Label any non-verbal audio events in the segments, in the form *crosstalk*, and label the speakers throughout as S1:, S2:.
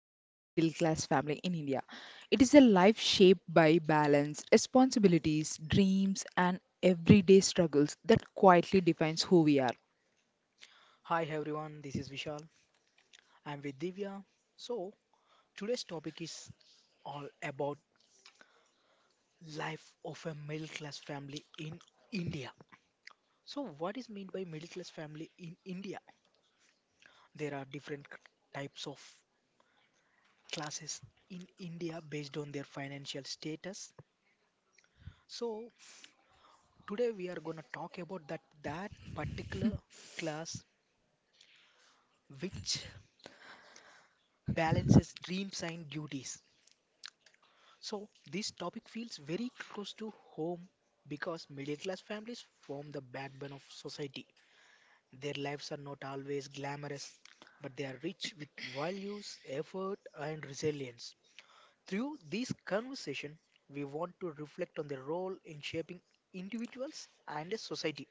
S1: the life of middle class family in India. It is a life shaped by balance, responsibilities, dreams and everyday struggles that quietly defines who we are.
S2: Hi everyone, this is Vishal. I'm with Divya. So, today's topic is all about life of a middle class family in India. So, what is meant by middle class family in India? There are different types of classes in India based on their financial status. So, today we are going to talk about that particular class which balances dreams and duties. So, this topic feels very close to home because middle class families form the backbone of society. Their lives are not always glamorous, but they are rich with values, effort, and resilience. Through this conversation, we want to reflect on their role in shaping individuals and a society.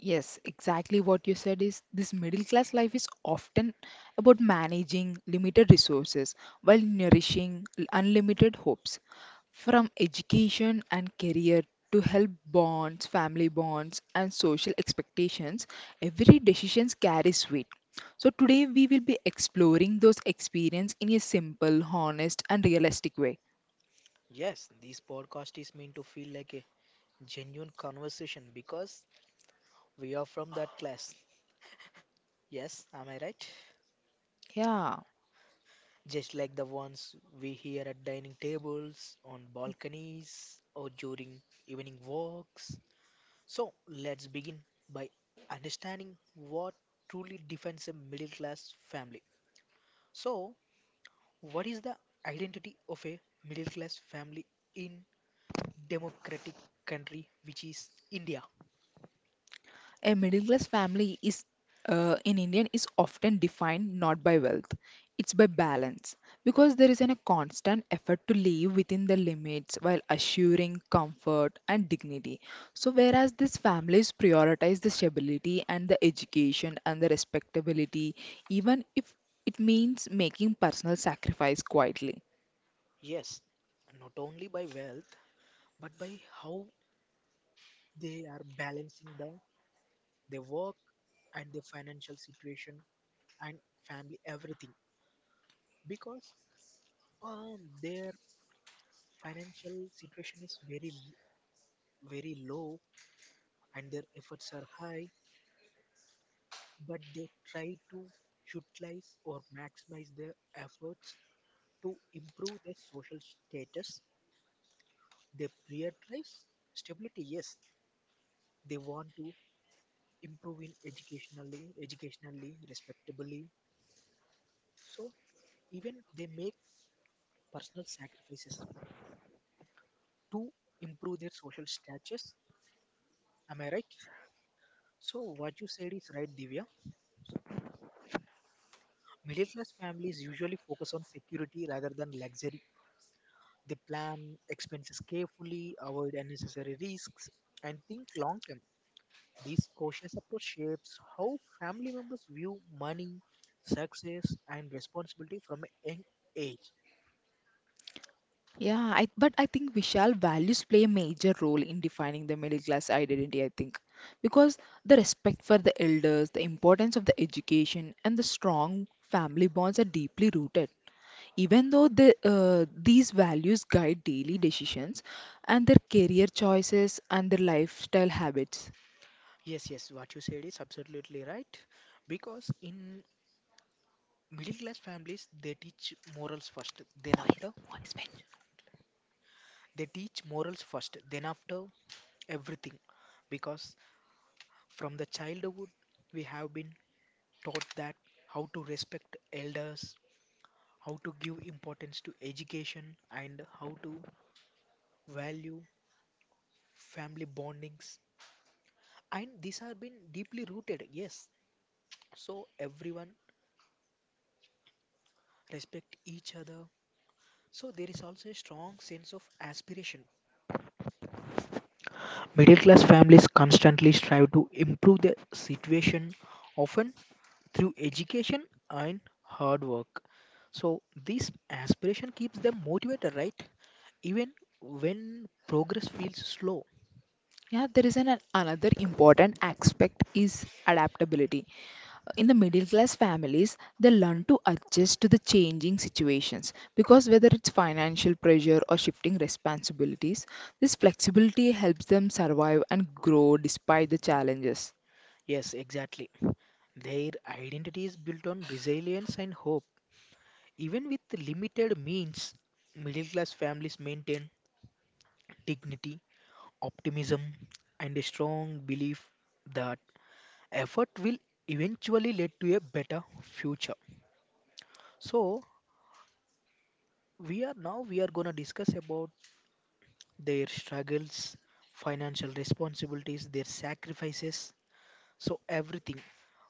S1: Yes, exactly what you said is this middle class life is often about managing limited resources while nourishing unlimited hopes. From education and career to health bonds, family bonds, and social expectations, every decision carries weight. So today we will be exploring those experiences in a simple, honest, and realistic way.
S2: Yes, this podcast is meant to feel like a genuine conversation because we are from that class. Yes, am I right?
S1: Yeah.
S2: Just like the ones we hear at dining tables, on balconies, or during evening walks. So, let's begin by understanding what truly defines a middle class family. So, what is the identity of a middle class family in democratic country which is India?
S1: A middle class family is in Indian is often defined not by wealth, it's by balance because there is a constant effort to live within the limits while assuring comfort and dignity. So whereas these families prioritize the stability and the education and the respectability, even if it means making personal sacrifice quietly.
S2: Yes, not only by wealth but by how they are balancing their work and their financial situation and family everything because their financial situation is very very low and their efforts are high, but they try to utilize or maximize their efforts to improve their social status. They prioritize stability. Yes, they want to improve in educationally, respectably. So even they make personal sacrifices to improve their social status. Am I right? So what you said is right, Divya. Middle class families usually focus on security rather than luxury. They plan expenses carefully, avoid unnecessary risks, and think long term. This cautious approach shapes how family members view money, success, and responsibility from a young age.
S1: But I think Vishal values play a major role in defining the middle class identity, I think. Because the respect for the elders, the importance of the education, and the strong family bonds are deeply rooted. Even though these values guide daily decisions and their career choices and their lifestyle habits.
S2: Yes, yes, what you said is absolutely right. Because in middle class families, they teach morals first, then
S1: Voice,
S2: after,
S1: voice,
S2: they teach morals first, then after everything because from the childhood, we have been taught that how to respect elders, how to give importance to education, and how to value family bondings. And these have been deeply rooted, yes. So everyone respect each other. So there is also a strong sense of aspiration. Middle class families constantly strive to improve their situation, often through education and hard work. So this aspiration keeps them motivated, right? Even when progress feels slow.
S1: Yeah, there is an another important aspect is adaptability. In the middle class families, they learn to adjust to the changing situations because whether it's financial pressure or shifting responsibilities, this flexibility helps them survive and grow despite the challenges.
S2: Yes, exactly. Their identity is built on resilience and hope. Even with limited means, middle class families maintain dignity, optimism, and a strong belief that effort will eventually lead to a better future. So we are now we are gonna discuss about their struggles, financial responsibilities, their sacrifices. So, everything.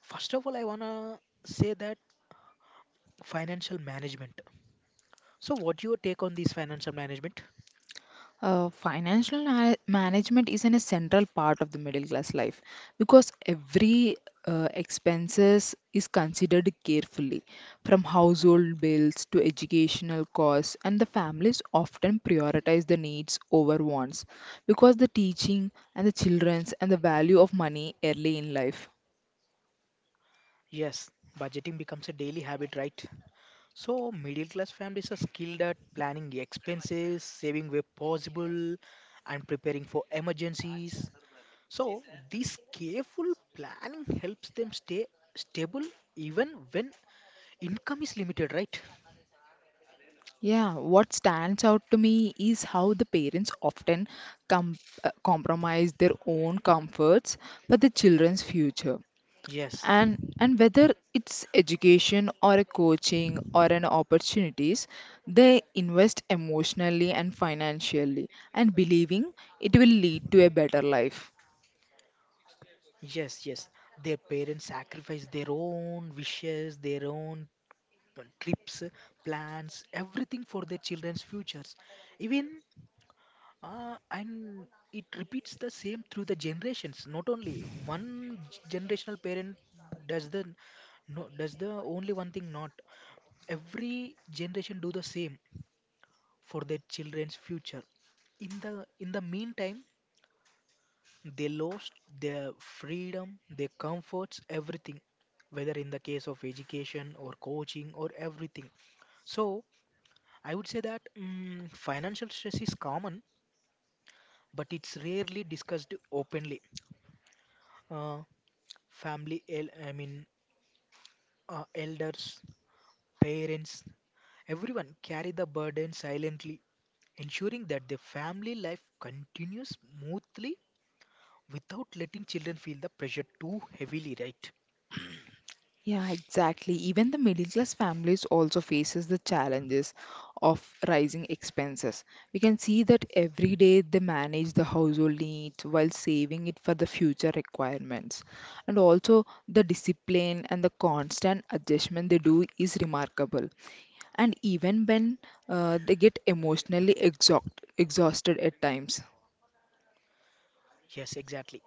S2: First of all, I want to say that financial management. So, what your take on this financial management?
S1: Management is an a central part of the middle class life because every expenses is considered carefully, from household bills to educational costs, and the families often prioritize the needs over wants because the teaching and the children's and the value of money early in life.
S2: Yes, budgeting becomes a daily habit, right? So, middle class families are skilled at planning expenses, saving where possible, and preparing for emergencies. So, this careful planning helps them stay stable even when income is limited, right?
S1: Yeah, what stands out to me is how the parents often compromise their own comforts for the children's future.
S2: Yes.
S1: And whether it's education or a coaching or an opportunities, they invest emotionally and financially and believing it will lead to a better life.
S2: Yes, yes. Their parents sacrifice their own wishes, their own trips, plans, everything for their children's futures. Even and it repeats the same through the generations. Not only one generational parent does the no does the only one thing not. Every generation do the same for their children's future. In the meantime, they lost their freedom, their comforts, everything, whether in the case of education or coaching or everything. So, I would say that financial stress is common, but it's rarely discussed openly. Uh, Family, I mean, elders, parents, everyone carry the burden silently, ensuring that their family life continues smoothly without letting children feel the pressure too heavily, right?
S1: Yeah, exactly, even the middle class families also faces the challenges of rising expenses. We can see that every day they manage the household needs while saving it for the future requirements, and also the discipline and the constant adjustment they do is remarkable, and even when they get emotionally exhausted at times.
S2: Yes, exactly.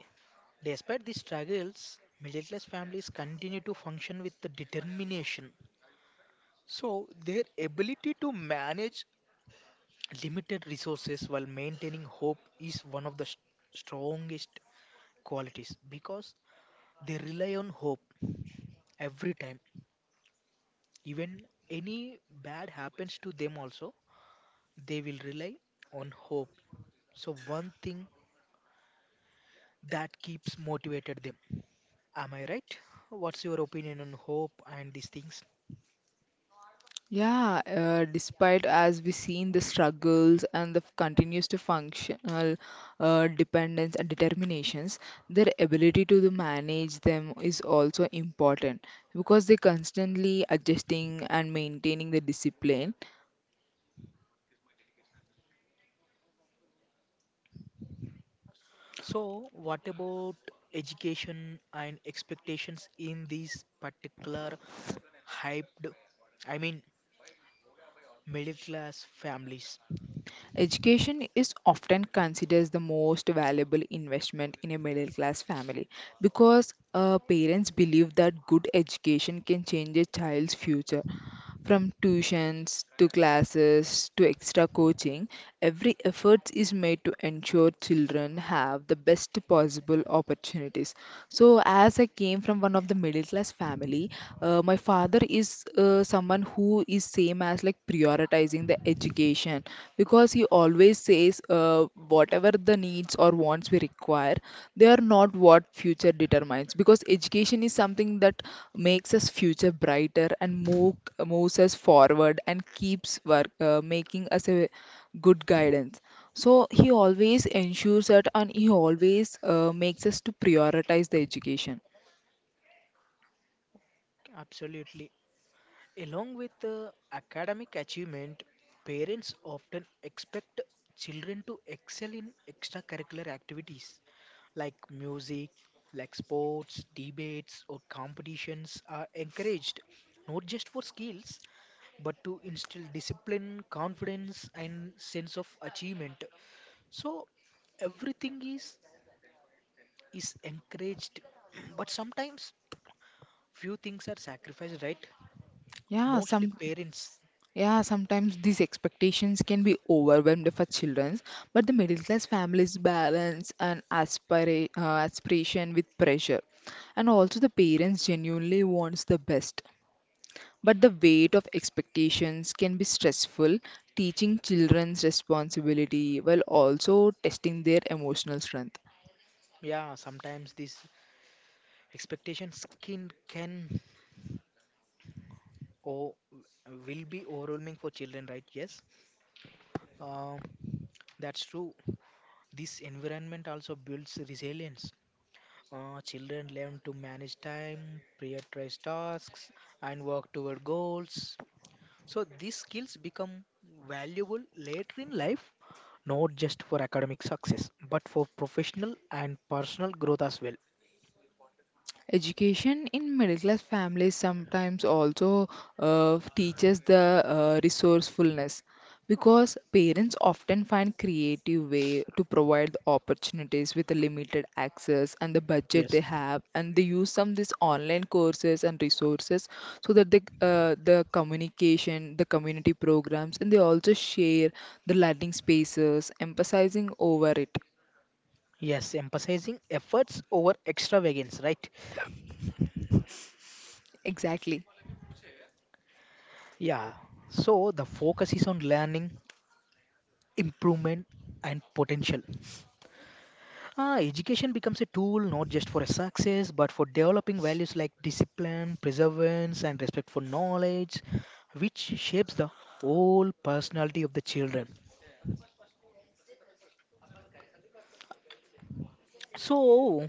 S2: Despite these struggles, middle class families continue to function with the determination. So, their ability to manage limited resources while maintaining hope is one of the strongest qualities because they rely on hope every time. Even any bad happens to them, also, they will rely on hope. So, one thing that keeps motivated them. Am I right? What's your opinion on hope and these things?
S1: Yeah, despite as we seen the struggles and the continues to functional, dependence and determinations, their ability to the manage them is also important because they constantly adjusting and maintaining the discipline.
S2: So, what about education and expectations in these particular hyped, I mean, middle class families?
S1: Education is often considered the most valuable investment in a middle class family because parents believe that good education can change a child's future. From tuitions to classes to extra coaching, every effort is made to ensure children have the best possible opportunities. So, as I came from one of the middle class family, my father is someone who is same as like prioritizing the education because he always says whatever the needs or wants we require, they are not what future determines because education is something that makes us future brighter and moves us forward and keeps making us a good guidance. So he always ensures that, and he always makes us to prioritize the education.
S2: Absolutely. Along with the academic achievement, parents often expect children to excel in extracurricular activities like music, like sports, debates, or competitions are encouraged not just for skills but to instill discipline, confidence, and sense of achievement. So everything is encouraged, *clears throat* but sometimes few things are sacrificed, right?
S1: Yeah,
S2: Mostly
S1: some.
S2: parents.
S1: Yeah, sometimes these expectations can be overwhelmed for children, but the middle class families balance an aspiration with pressure. And also the parents genuinely wants the best. But the weight of expectations can be stressful, teaching children's responsibility while also testing their emotional strength.
S2: Yeah, sometimes these expectations can or will be overwhelming for children, right? Yes, uh, that's true. This environment also builds resilience. Children learn to manage time, prioritize tasks, and work toward goals. So these skills become valuable later in life, not just for academic success, but for professional and personal growth as well.
S1: Education in middle class families sometimes also teaches the resourcefulness because parents often find creative way to provide the opportunities with the limited access and the budget
S2: Yes.
S1: they have, and they use some this online courses and resources so that the communication, the community programs, and they also share the learning spaces emphasizing over it.
S2: Yes, emphasizing efforts over extravagance, right?
S1: Exactly.
S2: Yeah. So the focus is on learning, improvement, and potential. Ah, education becomes a tool not just for success, but for developing values like discipline, perseverance, and respect for knowledge, which shapes the whole personality of the children. So,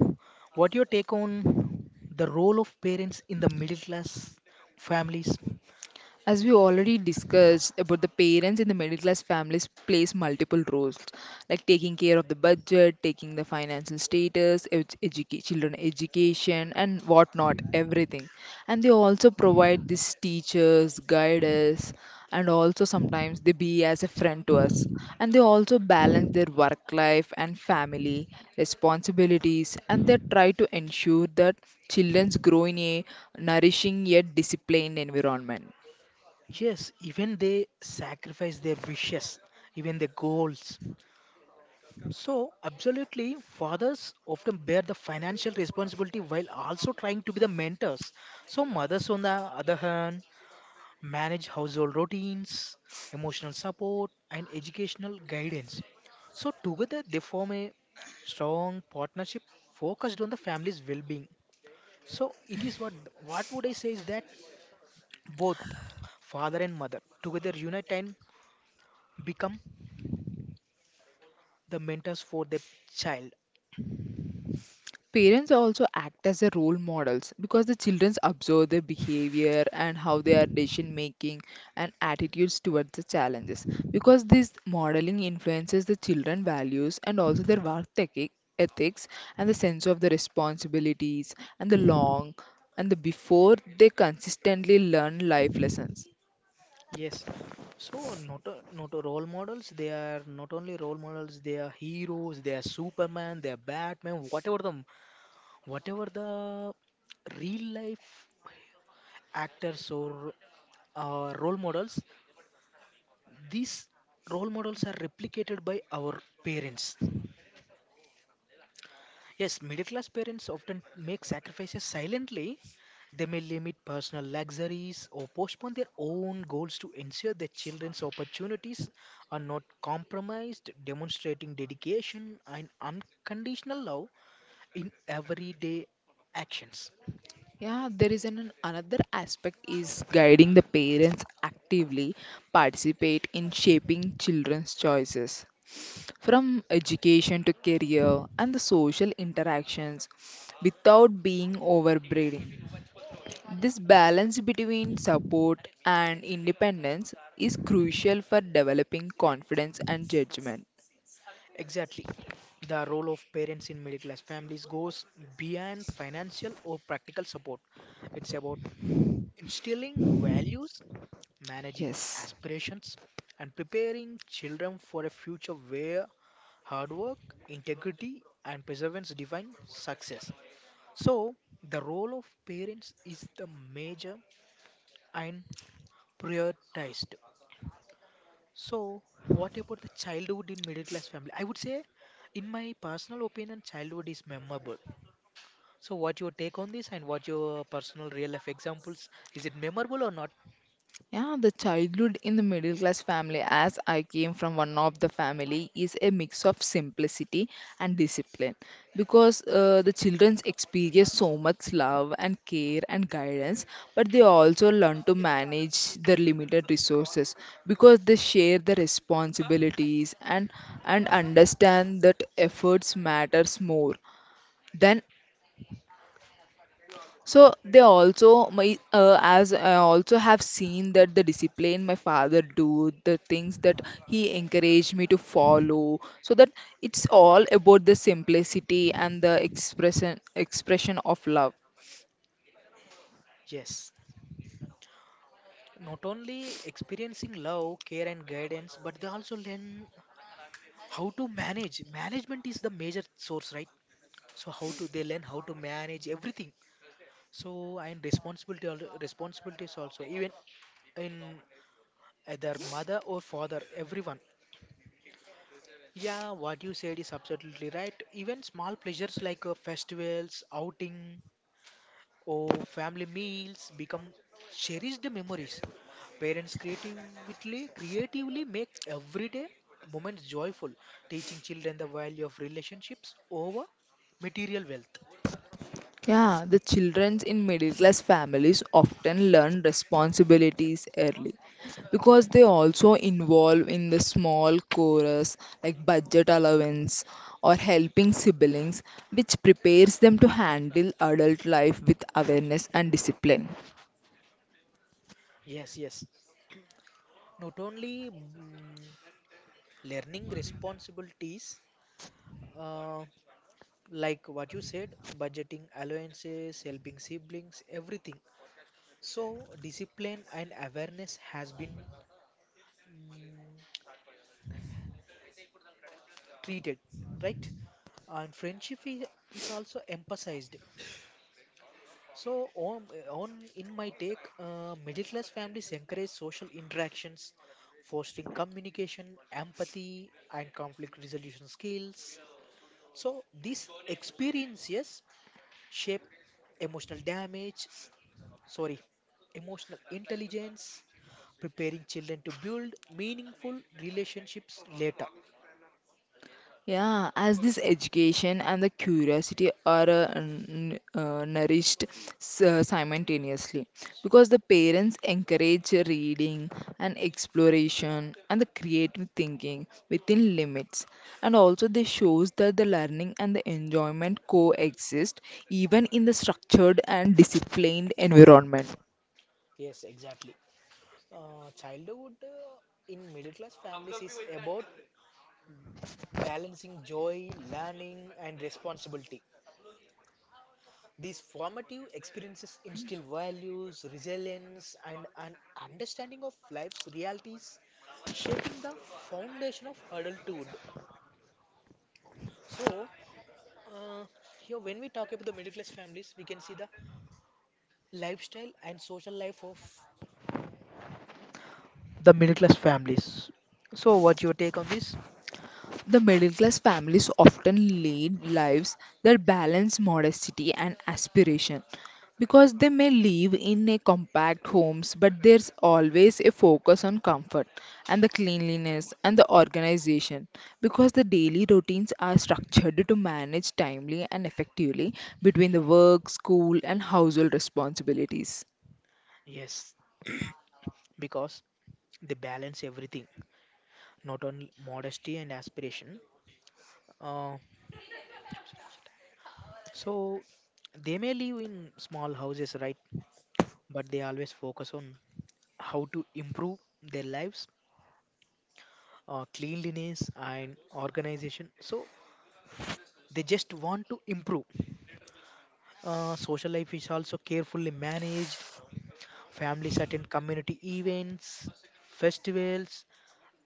S2: what your take on the role of parents in the middle class families?
S1: As we already discussed about the parents in the middle class families plays multiple roles, like taking care of the budget, taking the financial status, children education, and whatnot, everything. And they also provide these teachers, guiders, and also sometimes they be as a friend to us. And they also balance their work life and family responsibilities, and they try to ensure that children grow in a nourishing yet disciplined environment.
S2: Yes, even they sacrifice their wishes, even their goals. So, absolutely, fathers often bear the financial responsibility while also trying to be the mentors. So, mothers, on the other hand, manage household routines, emotional support, and educational guidance. So, together they form a strong partnership focused on the family's well being. So, it is what would I say is that both father and mother together unite and become the mentors for the child.
S1: Parents also act as a role models because the children observe their behavior and how they are decision making and attitudes towards the challenges. Because this modeling influences the children values and also their ethics and the sense of the responsibilities and the long and the before they consistently learn life lessons.
S2: Yes, so not a role models. They are not only role models. They are heroes. They are Superman. They are Batman. Whatever the real life actors or role models. These role models are replicated by our parents. Yes, middle class parents often make sacrifices silently. They may limit personal luxuries or postpone their own goals to ensure their children's opportunities are not compromised, demonstrating dedication and unconditional love in everyday actions.
S1: Yeah, there is an another aspect is guiding the parents actively participate in shaping children's choices. From education to career and the social interactions without being overbearing. This balance between support and independence is crucial for developing confidence and judgment.
S2: Exactly. The role of parents in middle class families goes beyond financial or practical support. It's about instilling values, managing
S1: Yes.
S2: aspirations, and preparing children for a future where hard work, integrity, and perseverance define success. So, the role of parents is the major and prioritized. So, what about the childhood in middle class family? I would say, in my personal opinion, childhood is memorable. So, what your take on this and what your personal real life examples? Is it memorable or not?
S1: Yeah, the childhood in the middle class family, as I came from one of the family, is a mix of simplicity and discipline because the children experience so much love and care and guidance, but they also learn to manage their limited resources because they share the responsibilities and understand that efforts matters more than, so they also my as I also have seen that the discipline my father do the things that he encouraged me to follow, so that it's all about the simplicity and the expression of love.
S2: Yes, not only experiencing love care and guidance but they also learn how to manage. Management is the major source, right? So how to they learn how to manage everything, so and responsibility responsibilities also, even in either mother or father everyone. Yeah, what you said is absolutely right. Even small pleasures like festivals outing, oh, family meals become cherished memories. Parents creatively make everyday moments joyful, teaching children the value of relationships over material wealth.
S1: Yeah, the children in middle class families often learn responsibilities early because they also involve in the small chorus like budget allowance or helping siblings, which prepares them to handle adult life with awareness and discipline.
S2: Yes, yes. Not only learning responsibilities, uh, like what you said, budgeting allowances, helping siblings, everything. So discipline and awareness has been mm, treated, right? And friendship is also emphasized. So, on in my take, middle class families encourage social interactions, fostering communication, empathy, and conflict resolution skills. So, these experiences shape emotional damage, sorry, emotional intelligence, preparing children to build meaningful relationships later.
S1: Yeah, as this education and the curiosity are nourished simultaneously because the parents encourage reading and exploration and the creative thinking within limits, and also this shows that the learning and the enjoyment coexist even in the structured and disciplined environment.
S2: Yes, exactly. Childhood in middle class families is about balancing joy, learning, and responsibility. These formative experiences instill values, resilience, and an understanding of life's realities, shaping the foundation of adulthood. So, uh, here when we talk about the middle class families, we can see the lifestyle and social life of the middle class families. So, what's your take on this?
S1: The middle class families often lead lives that balance modesty and aspiration because they may live in a compact homes, but there's always a focus on comfort and the cleanliness and the organization because the daily routines are structured to manage timely and effectively between the work, school and household responsibilities.
S2: Yes, because they balance everything not only modesty and aspiration. Uh, so they may live in small houses, right? But they always focus on how to improve their lives, cleanliness and organization. So they just want to improve. Social life is also carefully managed. Families attend community events, festivals,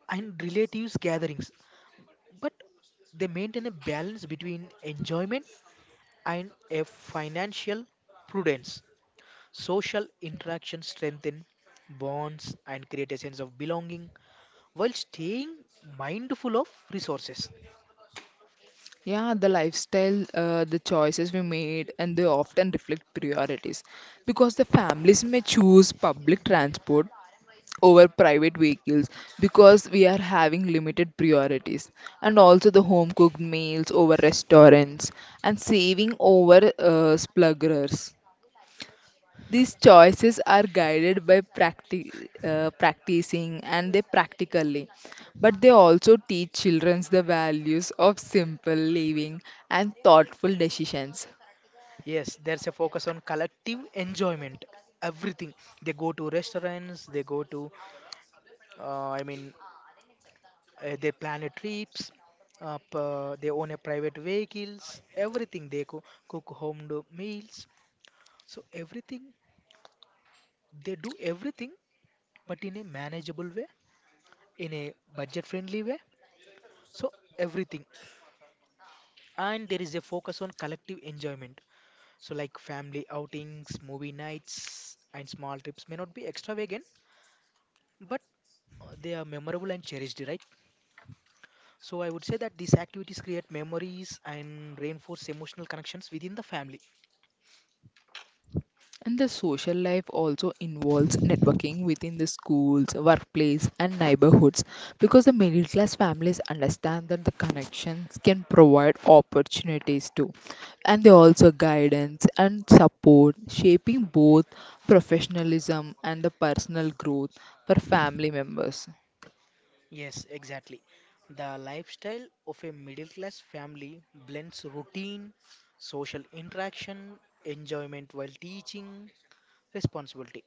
S2: and relatives gatherings. But they maintain a balance between enjoyment and a financial prudence. Social interaction strengthen bonds and create a sense of belonging while staying mindful of resources.
S1: Yeah, the lifestyle, the choices we made, and they often reflect priorities because the families may choose public transport over private vehicles because we are having limited priorities, and also the home cooked meals over restaurants and saving over splurgers. These choices are guided by practicing, and they practically, but they also teach children the values of simple living and thoughtful decisions.
S2: Yes, there's a focus on collective enjoyment. Everything they go to restaurants, they go to, I mean, they plan a trips. Up, they own a private vehicles. Everything they cook home meals. So everything they do everything, but in a manageable way in a budget friendly way. So, everything. And there is a focus on collective enjoyment. So, like family outings, movie nights, and small trips may not be extravagant, but they are memorable and cherished, right? So, I would say that these activities create memories and reinforce emotional connections within the family.
S1: And the social life also involves networking within the schools, workplace, and neighborhoods because the middle class families understand that the connections can provide opportunities too. And they also guidance and support, shaping both professionalism and the personal growth for family members.
S2: Yes, exactly. The lifestyle of a middle class family blends routine, social interaction, enjoyment while teaching, responsibility.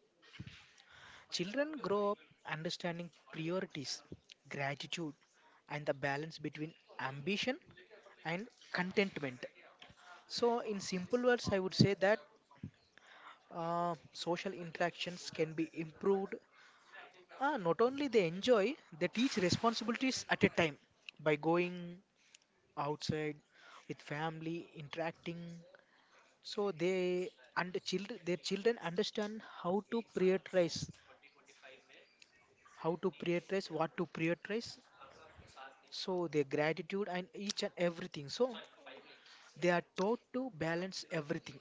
S2: Children grow up understanding priorities, gratitude, and the balance between ambition and contentment. So, in simple words, I would say that social interactions can be improved. Not only they enjoy, they teach responsibilities at a time by going outside with family, interacting. So they and children, their children understand how to prioritize, what to prioritize, so their gratitude and each and everything, so they are taught to balance everything,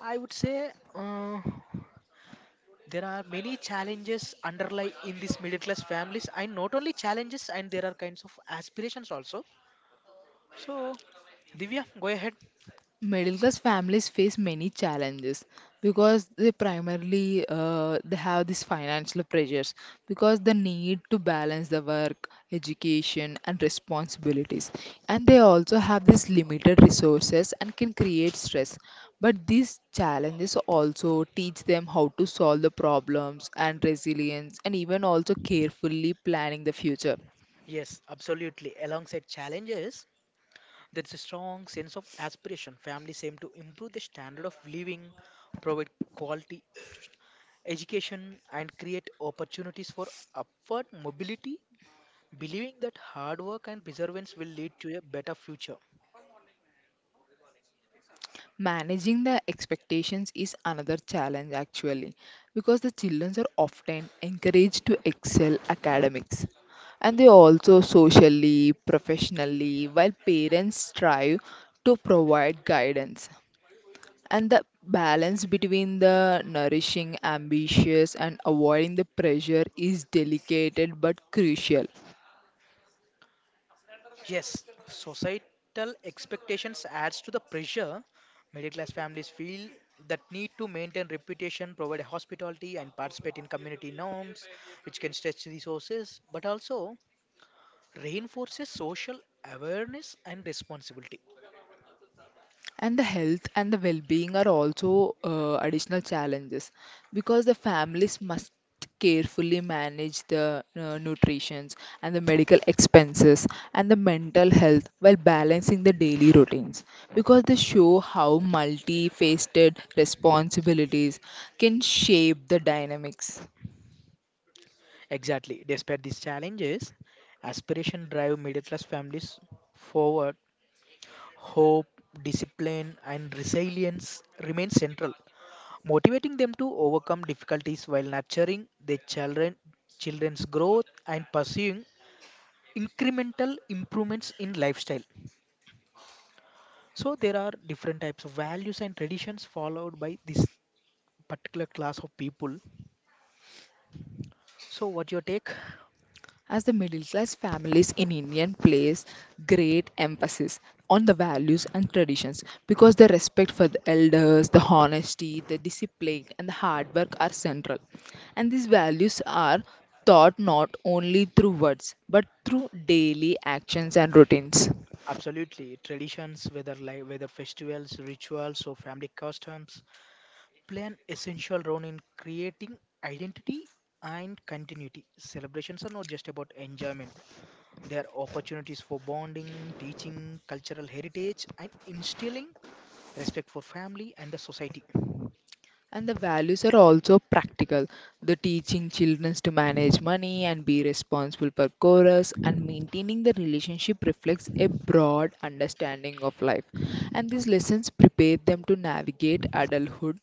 S2: I would say. uh, there are many challenges underlie in these middle class families, and not only challenges, and there are kinds of aspirations also. So, Divya, go ahead.
S1: Middle class families face many challenges because they primarily they have these financial pressures because they need to balance the work education and responsibilities, and they also have these limited resources and can create stress, but these challenges also teach them how to solve the problems and resilience and even also carefully planning the future.
S2: Yes, absolutely, alongside challenges there's a strong sense of aspiration. Families aim to improve the standard of living, provide quality education and create opportunities for upward mobility, believing that hard work and perseverance will lead to a better future.
S1: Managing the expectations is another challenge actually because the children are often encouraged to excel academics and they also socially, professionally, while parents strive to provide guidance. And the balance between the nourishing, ambitious, and avoiding the pressure is delicate but crucial.
S2: Yes, societal expectations adds to the pressure. Middle class families feel that need to maintain reputation, provide hospitality and participate in community norms, which can stretch resources but also reinforces social awareness and responsibility.
S1: And the health and the well-being are also additional challenges because the families must carefully manage the nutritions and the medical expenses and the mental health while balancing the daily routines, because they show how multifaceted responsibilities can shape the dynamics.
S2: Exactly. Despite these challenges, aspiration drive middle class families forward. Hope, discipline and resilience remain central, motivating them to overcome difficulties while nurturing their children, children's growth and pursuing incremental improvements in lifestyle. So there are different types of values and traditions followed by this particular class of people. So what your take?
S1: As the middle class families in India place great emphasis on the values and traditions because the respect for the elders, the honesty, the discipline, and the hard work are central. And these values are taught not only through words but through daily actions and routines.
S2: Absolutely, traditions, whether like whether festivals, rituals, or family customs, play an essential role in creating identity and continuity. Celebrations are not just about enjoyment. There are opportunities for bonding, teaching cultural heritage, and instilling respect for family and the society.
S1: And the values are also practical. The teaching children to manage money and be responsible for chorus and maintaining the relationship reflects a broad understanding of life. And these lessons prepare them to navigate adulthood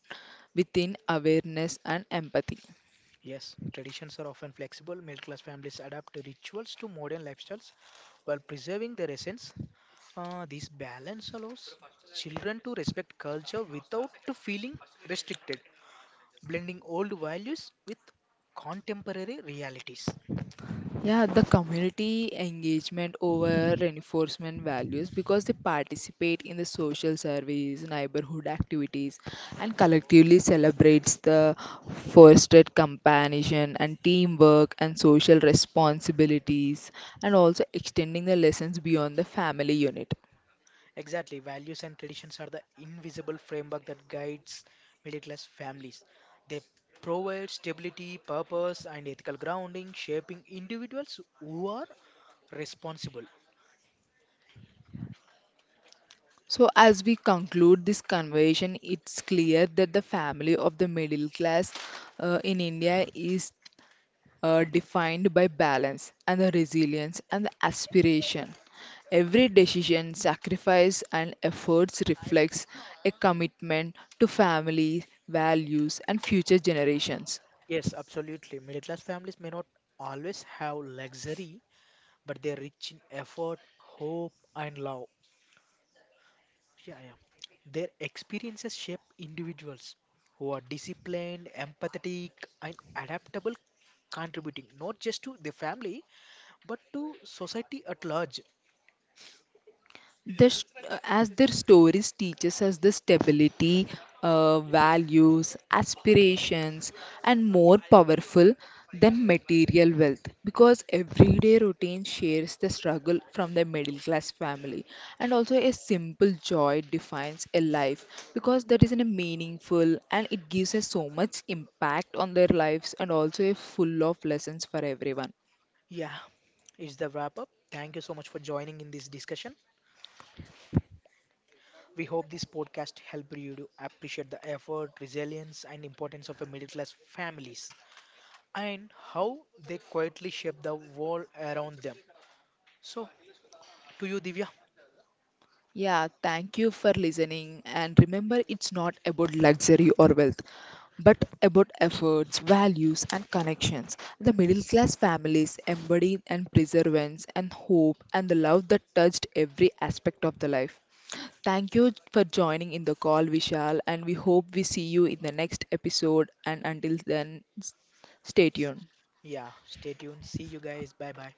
S1: within awareness and empathy.
S2: Yes, traditions are often flexible. Middle class families adapt rituals to modern lifestyles while preserving their essence. This balance allows children to respect culture without feeling restricted, blending old values with contemporary realities.
S1: Yeah, the community engagement over reinforcement values because they participate in the social service, neighborhood activities, and collectively celebrates the fostered companionship and teamwork and social responsibilities, and also extending the lessons beyond the family unit.
S2: Exactly, values and traditions are the invisible framework that guides middle class families. They provide stability, purpose, and ethical grounding, shaping individuals who are responsible.
S1: So, as we conclude this conversation, it's clear that the family of the middle class in India is defined by balance and the resilience and the aspiration. Every decision, sacrifice, and efforts reflects a commitment to family, values, and future generations.
S2: Yes, absolutely. Middle class families may not always have luxury, but they're rich in effort, hope, and love. Yeah, yeah. Their experiences shape individuals who are disciplined, empathetic, and adaptable, contributing not just to the family but to society at large.
S1: This, as their stories teaches us the stability, values aspirations and more powerful than material wealth because everyday routine shares the struggle from the middle class family, and also a simple joy defines a life because that is in a meaningful and it gives us so much impact on their lives and also a full of lessons for everyone.
S2: Yeah, it's the wrap up. Thank you so much for joining in this discussion. We hope this podcast helped you to appreciate the effort, resilience, and importance of a middle class families and how they quietly shape the world around them. So, to you, Divya.
S1: Yeah, thank you for listening. And remember, it's not about luxury or wealth, but about efforts, values, and connections. The middle class families embody and perseverance and hope and the love that touched every aspect of the life. Thank you for joining in the call, Vishal, and we hope we see you in the next episode. And until then, stay tuned.
S2: Yeah, stay tuned. See you guys. Bye bye.